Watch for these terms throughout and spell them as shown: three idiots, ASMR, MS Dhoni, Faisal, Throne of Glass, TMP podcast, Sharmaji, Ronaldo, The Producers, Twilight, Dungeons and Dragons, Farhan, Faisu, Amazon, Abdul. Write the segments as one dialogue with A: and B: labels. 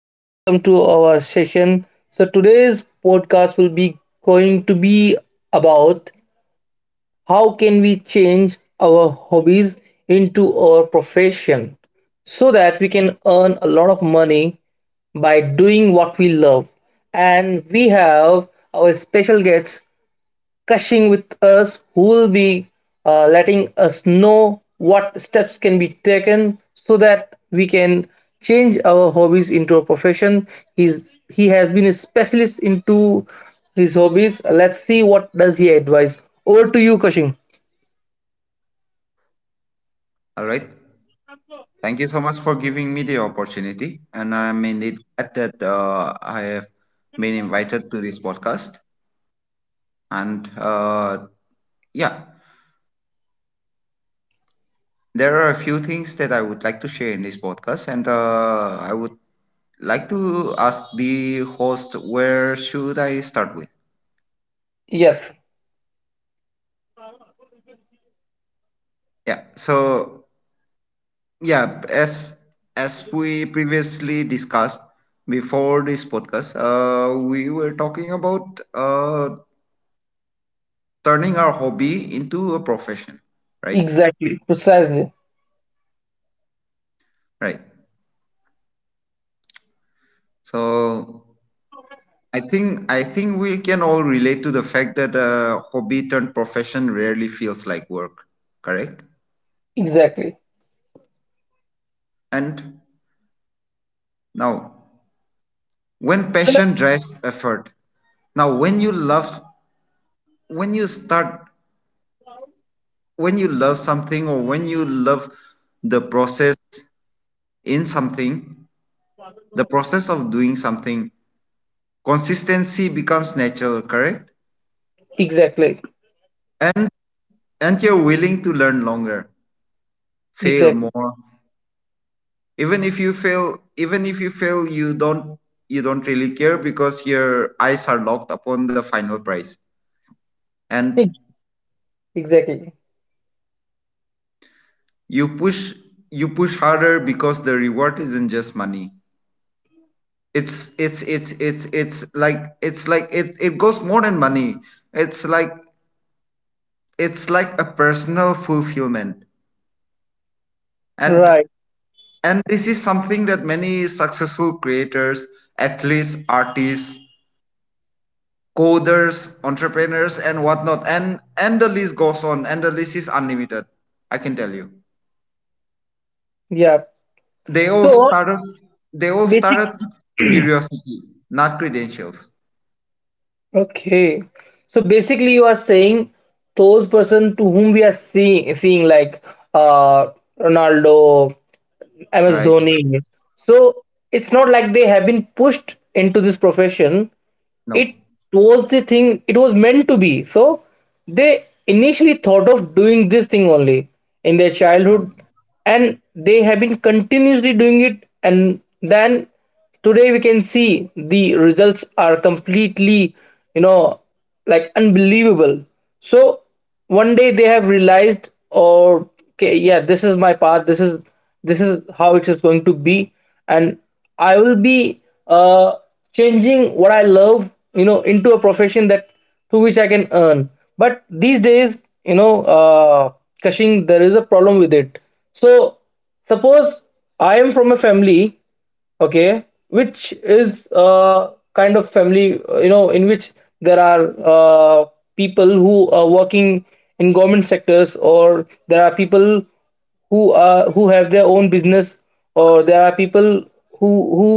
A: and welcome to our session. So today's podcast will be going to be about how can we change our hobbies into our profession so that we can earn a lot of money by doing what we love. And we have our special guest gushing with us who will be letting us know what steps can be taken so that we can change our hobbies into a profession. He has been a specialist into his hobbies. Let's see what does he advise. Over to you, kashing.
B: All right. Thank you so much for giving me the opportunity. And I'm indeed glad that I have been invited to this podcast. And uh, yeah, there are a few things that I would like to share in this podcast. And I would like to ask the host, where should I start with?
A: Yes,
B: Yeah. So, yeah, as as we previously discussed before this podcast, we were talking about turning our hobby into a profession, right?
A: exactly, precisely.
B: Right. So I think we can all relate to the fact that a hobby turned profession rarely feels like work, correct?
A: Exactly.
B: And now, when passion drives effort, now when you love when you start when you love something, or when you love the process in something, the process of doing something, consistency becomes natural, correct?
A: Exactly.
B: And and you're willing to learn longer, fail
A: Exactly.
B: more. Even if you fail you don't, you don't really care, because your eyes are locked upon the final prize. And
A: Ex- exactly.
B: you push you push harder, because the reward isn't just money. It's it's like it goes more than money. it's like it's like a personal fulfillment. and
A: Right.
B: and this is something that many successful creators, athletes, artists, coders, entrepreneurs, and whatnot. And the list goes on, and the list is unlimited, I can tell you.
A: Yeah.
B: They all
A: So
B: started. They all
A: basic.
B: started curiosity, not credentials.
A: Okay. So basically you are saying those person to whom we are seeing like, uh Ronaldo,
B: All
A: MS
B: right.
A: Dhoni. So it's not like they have been pushed into this profession.
B: No.
A: It was the thing, it was meant to be. So they initially thought of doing this thing only in their childhood, and they have been continuously doing it, and then today we can see the results are completely, you know, like unbelievable. So one day they have realized or, okay, yeah, this is my path, this is how it is going to be. And I will be, uh changing what I love, you know, into a profession that through which I can earn. But these days, you know, uh cushing, there is a problem with it. So suppose I am from a family, okay, which is a kind of family, you know, in which there are, uh, people who are working in government sectors, or there are people who are who have their own business, or there are people who who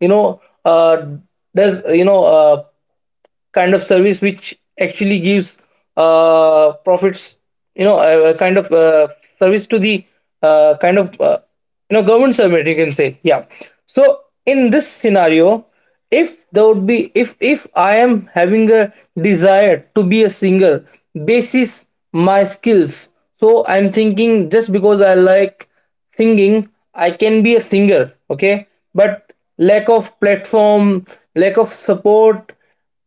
A: you know, does, you know, kind of service which actually gives, profits, you know, a kind of, service to the, kind of, you know, government servant, you can say, yeah. So in this scenario, if there would be, if I am having a desire to be a singer, basis my skills, so I'm thinking just because I like singing, I can be a singer, okay. But lack of platform, lack of support,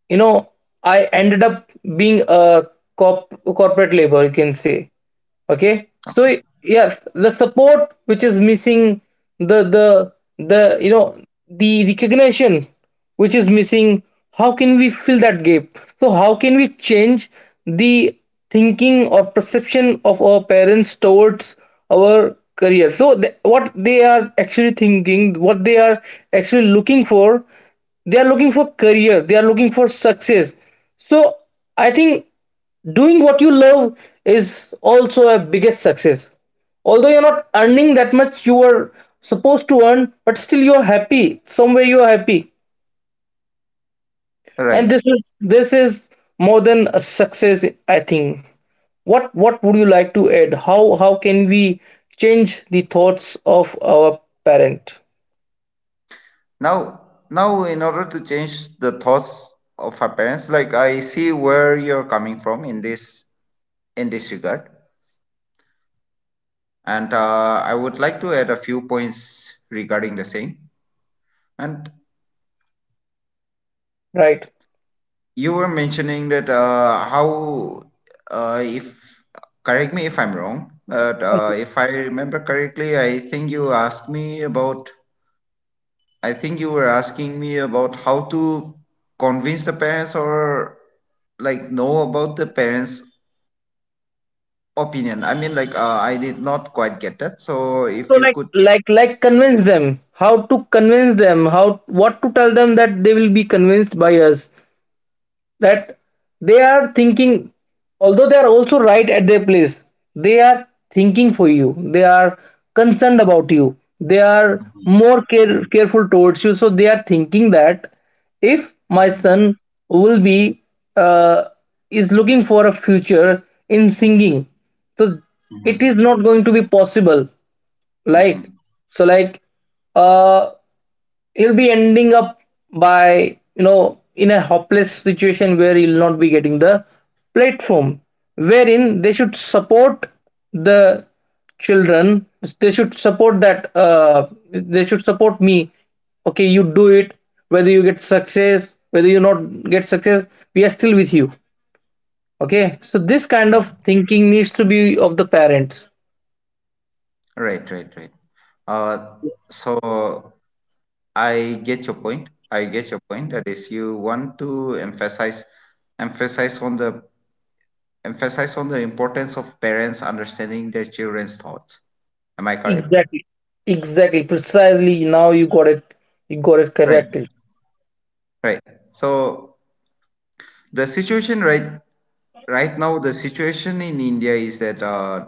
A: you know, I ended up being a corporate labor, you can say. Okay, so yes, the support which is missing, the the the you know, the recognition which is missing, how can we fill that gap? So how can we change the thinking or perception of our parents towards our career? So what they are actually thinking, what they are actually looking for? They are looking for career, they are looking for success. So I think doing what you love is also a biggest success. Although you're not earning that much you are supposed to earn, but still you're happy, somewhere you're happy.
B: All right.
A: And this is more than a success, I think. What would you like to add? How can we change the thoughts of our parent?
B: Now, in order to change the thoughts of our parents, like I see where you're coming from in this regard, and I would like to add a few points regarding the same. And
A: Right.
B: you were mentioning that how if, correct me if I'm wrong, but if I remember correctly, I think you were asking me about how to convince the parents, or like know about the parents opinion. I mean, like I did not quite get that, so
A: So
B: if you
A: like
B: could.
A: like like convince them, how to convince them, how, what to tell them that they will be convinced by us, that they are thinking, although they are also right at their place, they are thinking for you, they are concerned about you, they are more careful towards you, so they are thinking that if my
B: Mhm.
A: son will be, uh, is looking for a future in singing, so it is
B: Mhm.
A: not going to be possible, like.
B: Mhm.
A: So like, uh he'll be ending up by, you know, in a hopeless situation where he'll not be getting the platform, wherein they should support the children, they should support that, they should support me. Okay, you do it, whether you get success, whether you not get success, we are still with you. Okay, so this kind of thinking needs to be of the parents.
B: Right, right, right. uh, so I get your point. That is, you want to emphasize on the emphasize on the importance of parents understanding their children's thoughts. Am I correct?
A: Exactly. Exactly, precisely, now you got it, you got it
B: Right.
A: correctly.
B: Right. So the situation right right now, the situation in India is that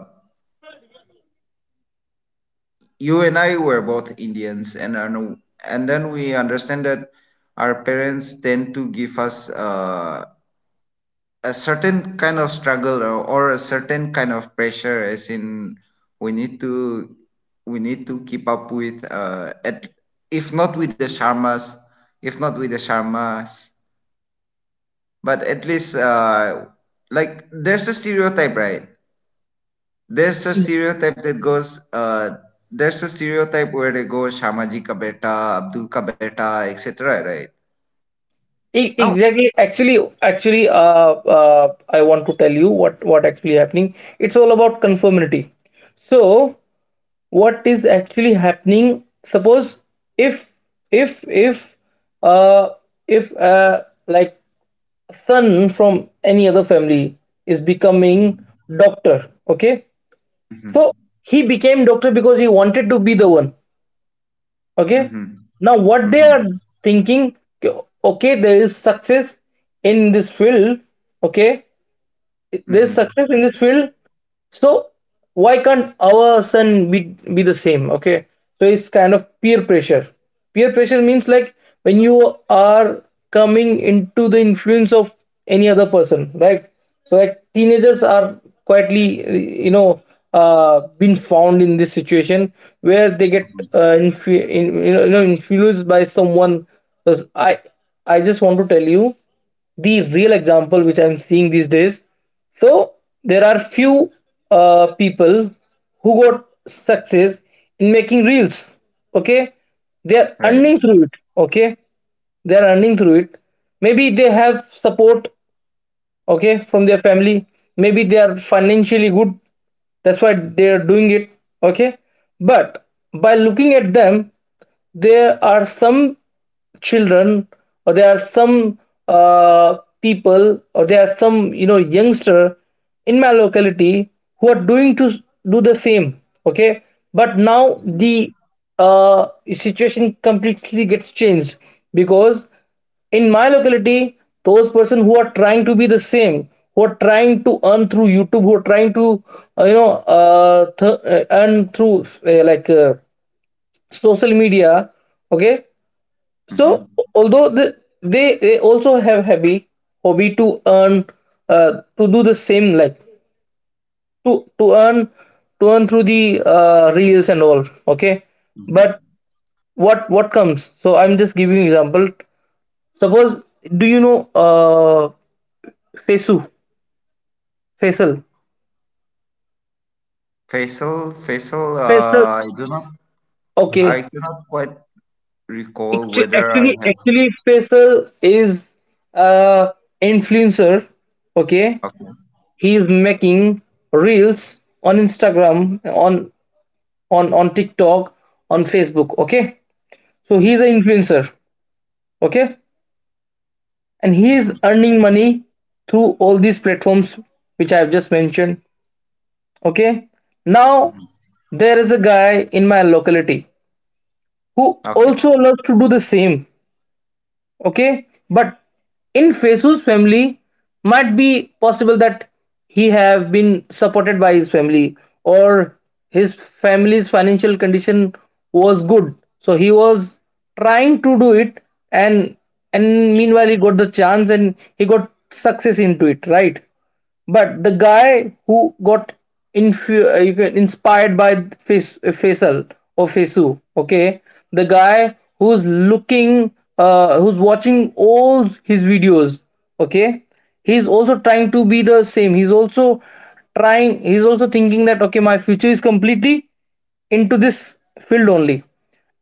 B: you and I were both Indians, and are no- and then we understand that our parents tend to give us a certain kind of struggle, or a certain kind of pressure, as in we need to we need to keep up with uh, at, if not with the Sharmas, if not with the Sharmas, but at least uh, like there's a stereotype, right? there's a stereotype that goes uh there's a stereotype where they go Sharmaji ka beta, Abdul ka beta, etc. Right.
A: E-
B: Now,
A: Exactly. Actually, actually, I want to tell you what actually happening. It's all about conformity. So, what is actually happening? Suppose if if if uh if like son from any other family is becoming doctor, okay?
B: mm-hmm,
A: So he became doctor because he wanted to be the one, okay.
B: mm-hmm,
A: Now what they
B: hmm,
A: are thinking? Okay, there is success in this field, okay, there's success in this field. So why can't our son be the same, okay? So it's kind of peer pressure. Peer pressure means like when you are coming into the influence of any other person, right? So like teenagers are quietly, you know, uh, been found in this situation where they get,
B: hmm,
A: you know, you know, influenced by someone. Because I just want to tell you the real example which I'm seeing these days. So there are few, people who got success in making reels. Okay, they are
B: right.
A: earning through it. Okay, they are earning through it. Maybe they have support, okay, from their family, maybe they are financially good, that's why they are doing it, okay. But by looking at them, there are some children, or there are some, people, or there are some, you know, youngster in my locality who are doing to do the same, okay. But now the, uh, situation completely gets changed, because in my locality those person who are trying to be the same, who are trying to earn through youtube, who are trying to, uh, you know earn through, like, social media, okay. So
B: Mm-hmm.
A: although they also have hobby, hobby to earn, uh, to do the same, like to earn, to earn through the, reels and all, okay.
B: Mm-hmm.
A: But what comes, so I'm just giving you example. Suppose, do you know, uh, fesu, faisal,
B: Faisal, Faisal,
A: faisal,
B: I do not, I
A: okay.
B: cannot quite recall
A: Actu-
B: whether I
A: actually
B: have.
A: actually faisal is a influencer, okay.
B: Okay.
A: He is making reels on instagram, on on tiktok, on facebook, okay. So he's an
B: Mm-hmm.
A: influencer, okay. And he
B: Mm-hmm.
A: is earning money through all these platforms which I have just mentioned, okay. Now
B: Hmm.
A: there is a guy in my locality who
B: Okay.
A: also loves to do the same, okay. But in fesu's family, might be possible that he have been supported by his family, or his family's financial condition was good, so he was trying to do it, and meanwhile he got the chance, and he got success into it, right. But the guy who got inspired by Faisal or Faisu, okay, the guy who's looking, who's watching all his videos, okay, he's also trying to be the same. He's also trying. He's also thinking that, okay, my future is completely into this field only,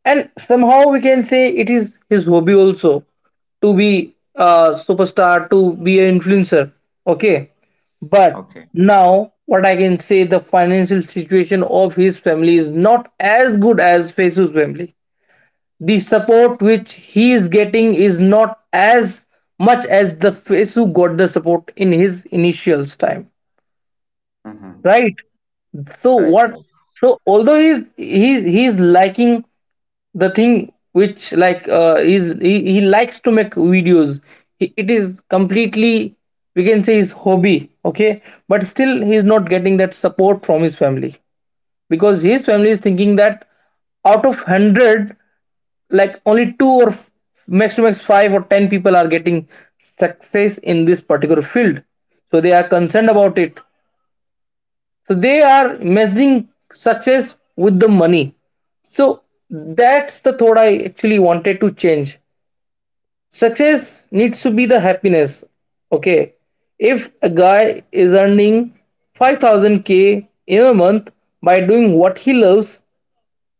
A: and somehow we can say it is his hobby also to be a superstar, to be an influencer, okay. But
B: Okay.
A: now what I can say, the financial situation of his family is not as good as fesu's family. The support which he is getting is not as much as the fesu got the support in his initials time,
B: Mm-hmm.
A: right. So
B: Right,
A: what?
B: right.
A: So although he's liking the thing which like, is he likes to make videos, he, it is completely, we can say, his hobby, okay. But still he's not getting that support from his family, because his family is thinking that out of 100, like only two or max to max five or ten people are getting success in this particular field, so they are concerned about it, so they are measuring success with the money. So that's the thought I actually wanted to change. Success needs to be the happiness. Okay. If a guy is earning 5000k in a month by doing what he loves,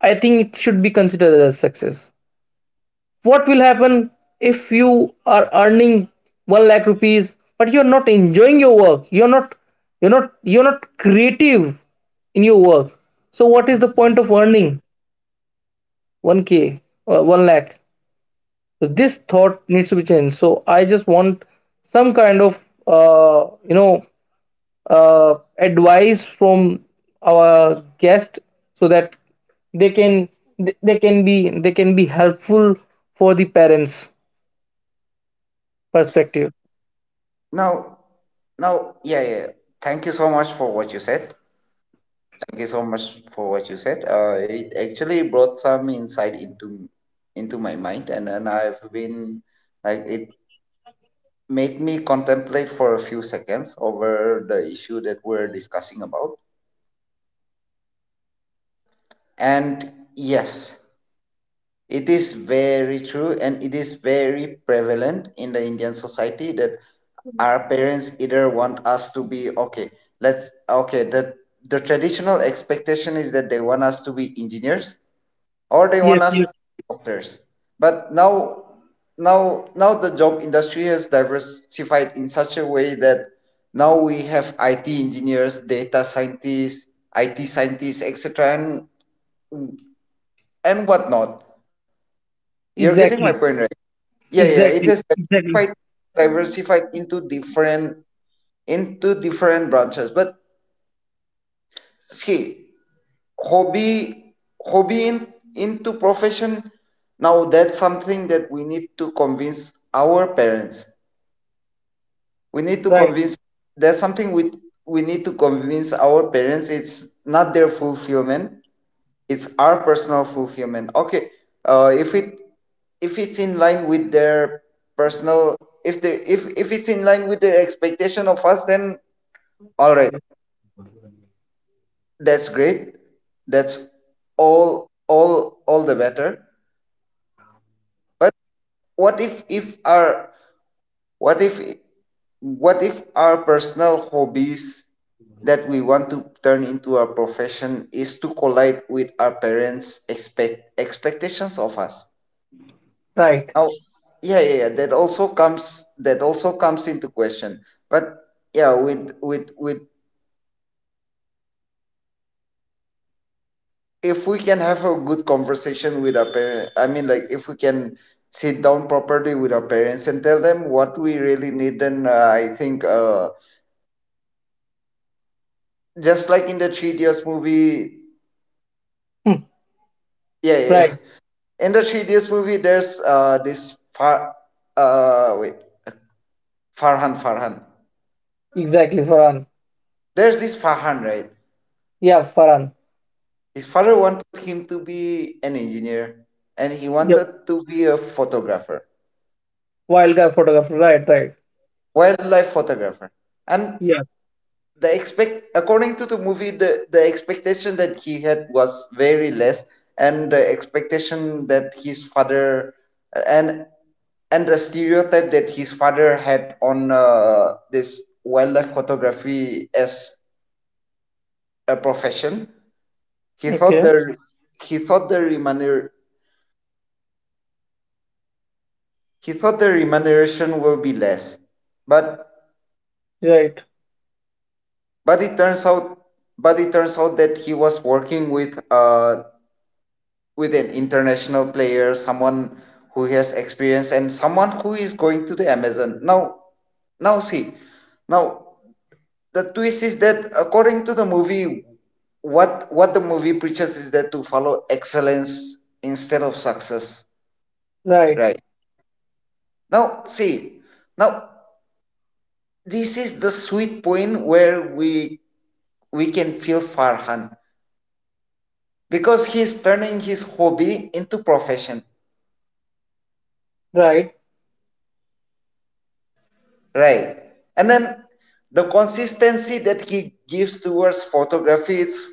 A: I think it should be considered as success. What will happen if you are earning 1 lakh rupees, but you're not enjoying your work, you're not creative in your work, so what is the point
B: Mhm.
A: of earning 1k or 1 lakh? So this thought needs to be changed. So I just want some kind of, you know, advice from our guest, so that they can, they can be, they can be helpful for the parents. Perspective.
B: Now, now, yeah, yeah. yeah. Thank you so much for what you said. Thank you so much for what you said. It actually brought some insight into my mind, and I've been, like, it made me contemplate for a few seconds over the issue that we're discussing about. And yes. It is very true, and it is very prevalent in the Indian society that our parents either want us to be okay, let's, okay, the traditional expectation is that they want us to be engineers or they
A: Yes,
B: want us
A: yes,
B: to be doctors. But now the job industry has diversified in such a way that now we have IT engineers, data scientists, IT scientists, etc. And whatnot. You're getting my
A: exactly,
B: point, right? Yeah, yeah, yeah. It
A: exactly,
B: is
A: exactly.
B: quite diversified into different branches. But see, hobby hobby in, into profession. Now that's something that we need to convince our parents. We need to
A: Right,
B: convince that's something we need to convince our parents. It's not their fulfillment, it's our personal fulfillment. Okay, if it if it's in line with their personal if they if it's in line with their expectation of us, then all right, that's great, that's all, all the better. But what if if our what if what if our personal hobbies that we want to turn into our profession is to collide with our parents expect expectations of us?
A: right.
B: Oh, yeah, yeah, yeah. That also comes into question. But yeah, with if we can have a good conversation with our parents, I mean, like if we can sit down properly with our parents and tell them what we really need, then I think just like in the Three Idiots movie,
A: Hmm,
B: yeah, yeah, yeah.
A: right,
B: In the Three Idiots movie, there's uh, this far, uh, wait, Farhan.
A: exactly. Farhan.
B: There's this Farhan, right?
A: Yeah, Farhan.
B: His father wanted him to be an engineer and he
A: Yep.
B: wanted to be a photographer,
A: Wild guy photographer. Right, right.
B: wildlife photographer. And
A: Yeah.
B: the expect, according to the movie, the expectation that he had was very less, and the expectation that his father, and the stereotype that his father had on this wildlife photography as a profession, he thought
A: Okay.
B: the he thought the remuner, he thought the remuneration will be less, but
A: Right,
B: but it turns out but it turns out that he was working with an international player, someone who has experience and someone who is going to the Amazon. Now now See, now the twist is that according to the movie, what the movie preaches is that to follow excellence instead of success,
A: right,
B: right? Now see, now This is the sweet point where we can feel Farhan, because he's turning his hobby into profession,
A: right.
B: right? And then the consistency that he gives towards photography,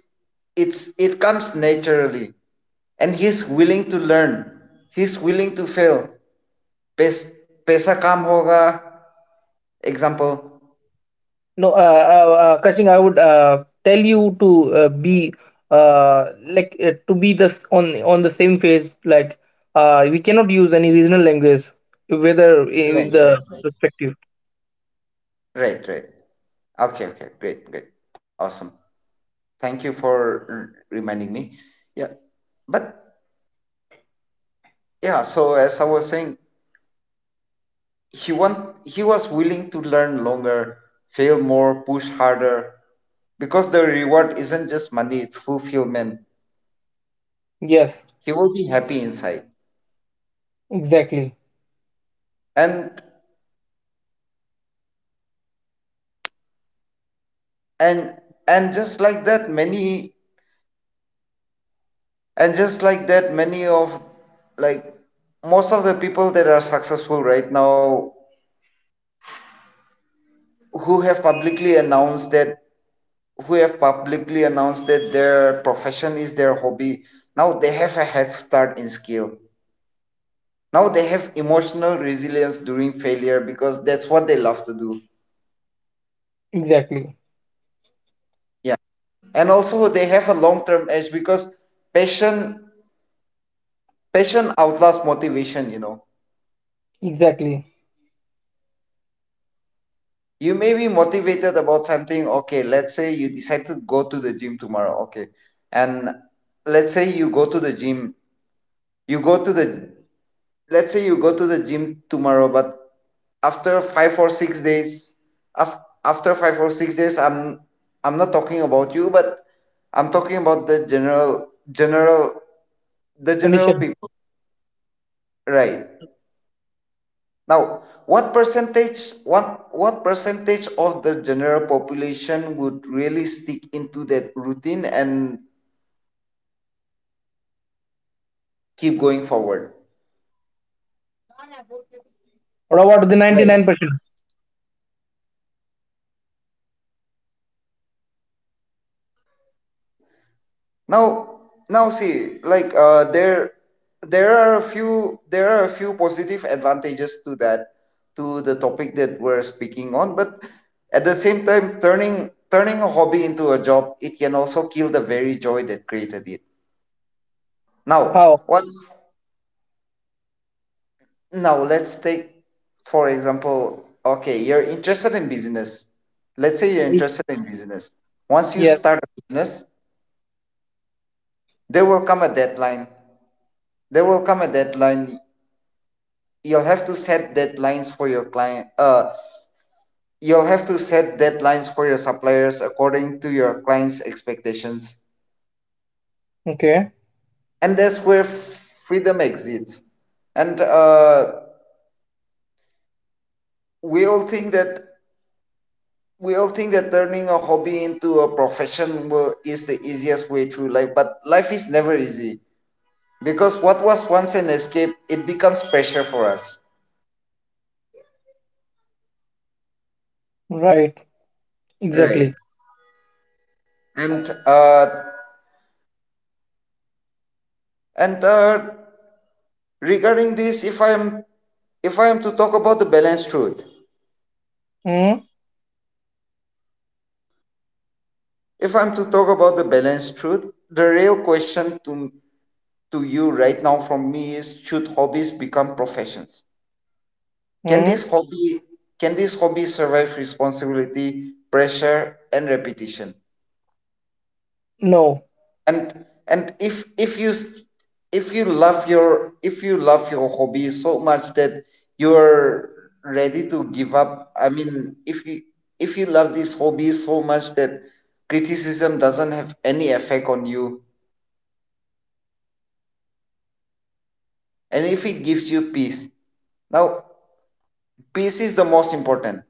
B: it's, it comes naturally, and he's willing to learn. He's willing to fail. Pes, pesa kam hoga. Example.
A: No, Kashing, I would, tell you to, be, to be this on the same phase. Like, we cannot use any regional language, whether in
B: Right,
A: the
B: right,
A: perspective.
B: right, right, right. Okay, okay, great, great, awesome. Thank you for r- reminding me. Yeah, but yeah. So as I was saying, he want, he was willing to learn longer, fail more, push harder, because the reward isn't just money, it's fulfillment.
A: Yes,
B: He will be happy inside.
A: exactly,
B: And and and just like that, many and just like that, many of like most of the people that are successful right now, who have publicly announced that who have publicly announced that their profession is their hobby, now they have a head start in skill. Now they have emotional resilience during failure, because that's what they love to do.
A: exactly,
B: Yeah. And also they have a long-term edge, because passion passion outlasts motivation, you know.
A: exactly.
B: You may be motivated about something. Okay, let's say you decide to go to the gym tomorrow, okay. And let's say you go to the gym, you go to the let's say you go to the gym tomorrow, but after five or six days, af-, after five or six days I'm not talking about you, but I'm talking about general the general
A: Condition.
B: people, right? Now, what percentage of the general population would really stick into that routine and keep going forward,
A: What about the
B: right?
A: 99%?
B: Now, now See, like there are a few, there are a few positive advantages to that, to the topic that we're speaking on. But at the same time, turning a hobby into a job, it can also kill the very joy that created it. Now,
A: How?
B: what's now? Let's take, for example, okay, you're interested in business. Let's say you're
A: I-
B: interested in business. Once you
A: Yes.
B: start a business, there will come a deadline. There will come a deadline. You'll have to set deadlines for your client, uh, you'll have to set deadlines for your suppliers according to your clients expectations,
A: Okay.
B: and that's where freedom exists. And we all think that we all think that turning a hobby into a profession will, is the easiest way through life, but life is never easy, because what was once an escape, it becomes pressure for us,
A: Right.
B: right?
A: Exactly.
B: and uh and regarding this, if I am to talk about the balanced truth,
A: Mm,
B: if I'm to talk about the balanced truth the real question to you right now from me is, should hobbies become professions? can this
A: mm,
B: hobby can this hobby survive responsibility, pressure and repetition?
A: no.
B: and and if you s- if you love your if you love your hobby so much that you're ready to give up, I mean, if you, if you love this hobby so much that criticism doesn't have any effect on you, and if it gives you peace, now peace is the most important.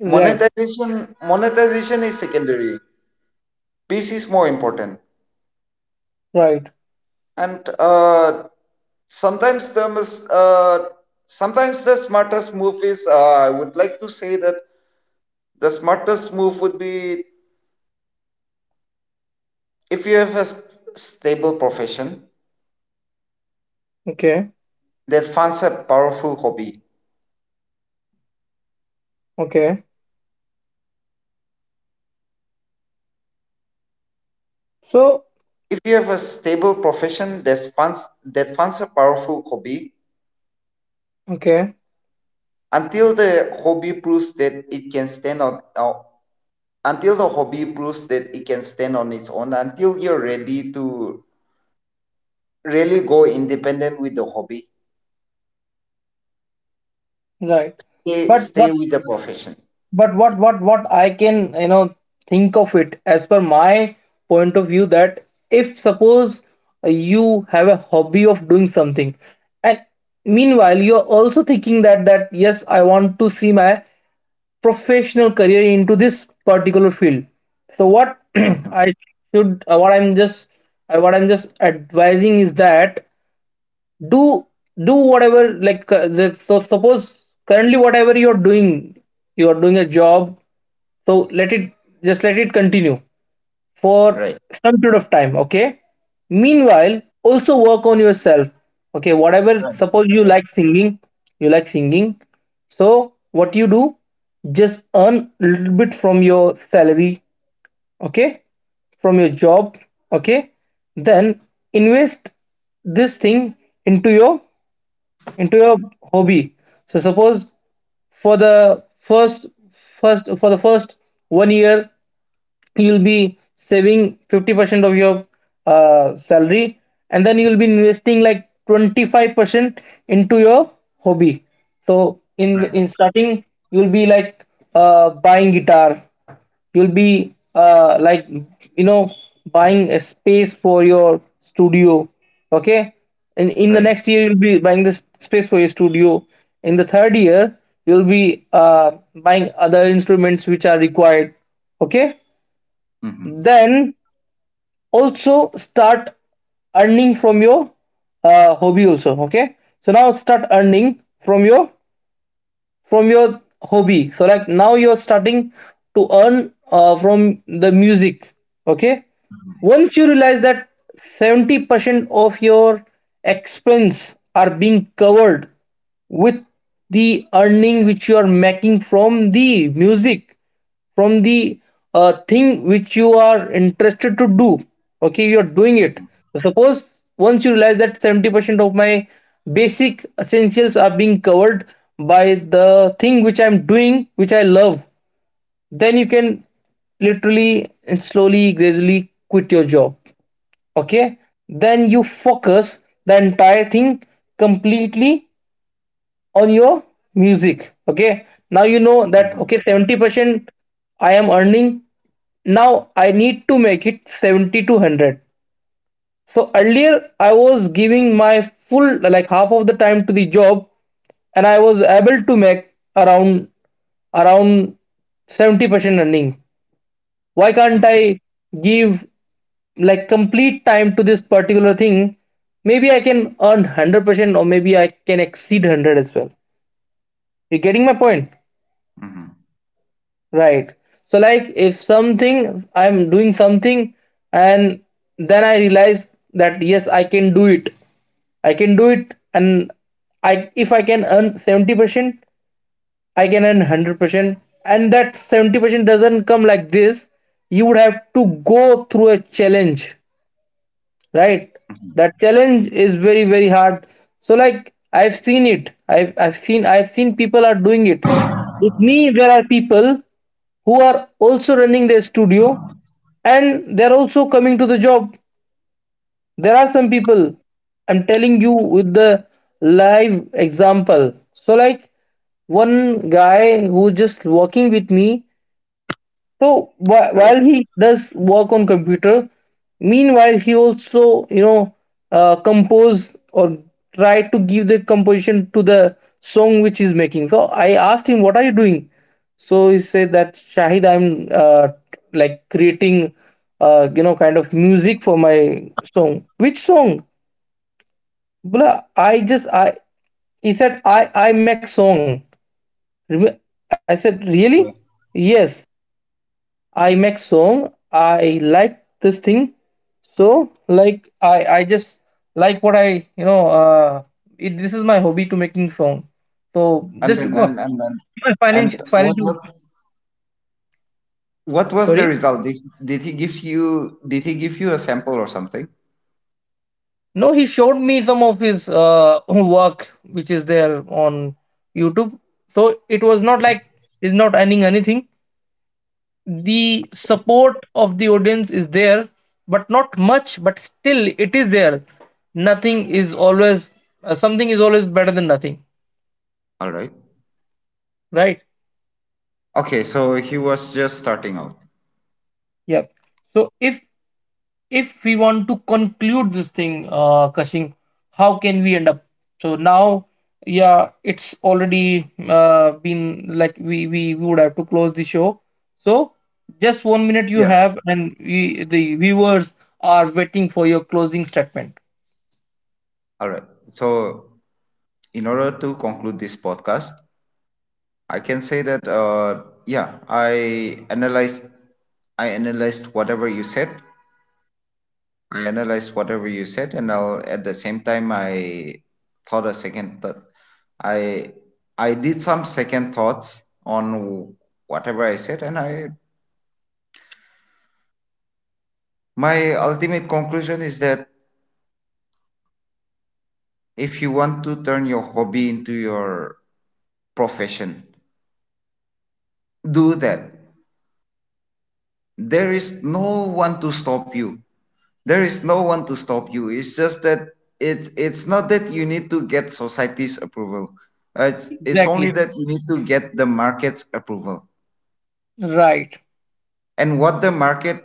A: Red.
B: Monetization is secondary. Peace is more important.
A: Right.
B: And sometimes the mis- sometimes the smartest move is I would like to say that the smartest move would be, if you have a s-, stable profession
A: Okay.
B: that funds a powerful hobby.
A: Okay. So,
B: If you have a stable profession that funds, a powerful hobby,
A: okay.
B: until the hobby proves that it can stand on until the hobby proves that it can stand on its own, until you're ready to really go independent with the hobby,
A: Right. But
B: stay
A: what
B: with the profession.
A: but what I can you know think of it, as per my point of view, that if, suppose, you have a hobby of doing something, and meanwhile you're also thinking that yes, I want to see my professional career into this particular field. So what
B: Mhm.
A: I should what I'm just advising is that do do whatever, like so suppose currently whatever you're doing, you're doing a job, so let it continue
B: Right.
A: for some period of time. Okay, meanwhile also work on yourself. Okay, whatever,
B: Right. Yes.
A: suppose you
B: Right.
A: like singing, you like singing, so what you do, just earn a little bit from your salary, okay, from your job, okay, then invest this thing into your into your hobby. So suppose for the first 1 year, you'll be saving 50% of your salary, and then you'll be investing like 25% into your hobby. So in
B: Right.
A: in starting, you'll be like buying guitar, you'll be like, you know, buying a space for your studio. Okay, in the
B: Right.
A: next year you'll be buying this space for your studio. In the third year you'll be buying other instruments which are required. Okay,
B: Mm-hmm.
A: then also start earning from your hobby also. Okay, so now start earning from your hobby. So like, now you're starting to earn from the music. Okay, once you realize that 70% of your expense are being covered with the earning which you are making from the music, from the thing which you are interested to do, okay, you are doing it. Suppose once you realize that 70% of my basic essentials are being covered by the thing which I'm doing, which I love, then you can literally and slowly, gradually quit your job. Okay, then you focus the entire thing completely on your music. Okay, now you know that,
B: Mm-hmm.
A: okay, 70% I am earning, now I need to make it 70 to 100. So earlier, I was giving my full, like half of the time to the job, and I was able to make around around 70% earning. Why can't I give like complete time to this particular thing? Maybe I can earn 100%, or maybe I can exceed 100 as well. You getting my point?
B: Mm-hmm.
A: Right. So like, if something, I'm doing something, and then I realize that yes, I can do it. I can do it and I, if I can earn 70%, I can earn 100%, and that 70% doesn't come like this. You would have to go through a challenge, right? That challenge is very, very hard. So like, I've seen it, I've seen people are doing it with me. There are people who are also running their studio and they're also coming to the job. There are some people, I'm telling you with the live example. So like, one guy who just working with me, so
B: Right.
A: while he does work on computer, meanwhile he also, you know compose, or try to give the composition to the song which he's making. So I asked him, "What are you doing?" So he said that, "Shahid, I'm like creating kind of music for my song." Which song? Blah, I just I he said, "I make song." Remem- I said, "Really?" "Yes. I make song. I like this thing. So like, I just like what I you know this is my hobby, to making song. So
B: And
A: just
B: then,
A: because
B: and then
A: my
B: and
A: financial
B: what
A: financial
B: was, what was the
A: sorry.
B: result? Did he give you, did he give you a sample or something?
A: No, he showed me some of his work which is there on YouTube. So it was not like he's not earning anything. The support of the audience is there, but not much, but still it is there. Nothing is always, something is always better than nothing,
B: All right.
A: right?
B: Okay, so he was just starting out.
A: Yeah. So if we want to conclude this thing, uh, Kashing, how can we end up? So now, yeah, it's already been like, we would have to close the show. So, just 1 minute you
B: Yeah.
A: have, and we, the viewers, are waiting for your closing statement.
B: All right. So in order to conclude this podcast, I can say that yeah, I analyzed whatever you said, and I'll, at the same time, thought a second thought. I I did some second thoughts on whatever I said, and I my ultimate conclusion is that if you want to turn your hobby into your profession, do that. There is no one to stop you. There is no one to stop you. It's just that it's not that you need to get society's approval. It's
A: Exactly.
B: only that you need to get the market's approval.
A: Right.
B: And what the market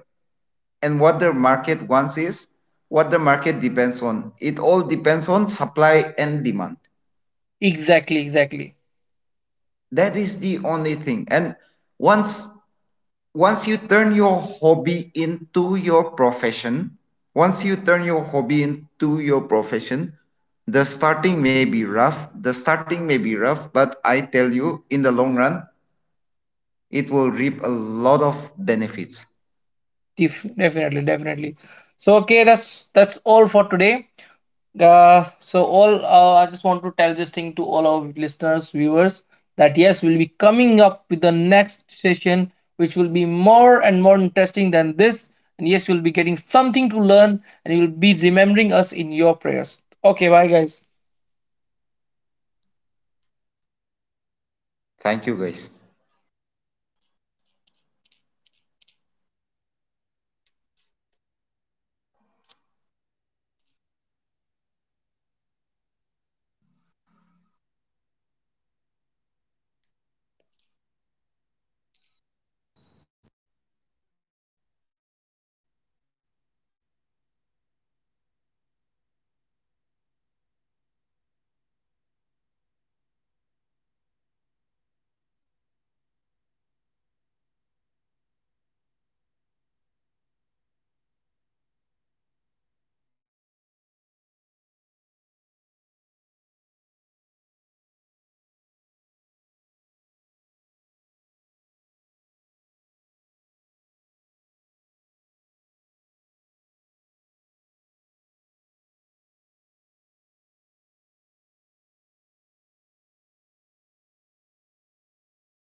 B: and what the market wants is, what the market depends on, it all depends on supply and demand.
A: Exactly, exactly.
B: That is the only thing. And once once you turn your hobby into your profession, once you turn your hobby into your profession the starting may be rough, but I tell you, in the long run, it will reap a lot of benefits.
A: Definitely, definitely. So okay, that's all for today. So all I just want to tell this thing to all our listeners, viewers, that yes, we'll be coming up with the next session, which will be more and more interesting than this. And yes, you'll be getting something to learn, and you'll be remembering us in your prayers. Okay, bye guys.
B: Thank you guys.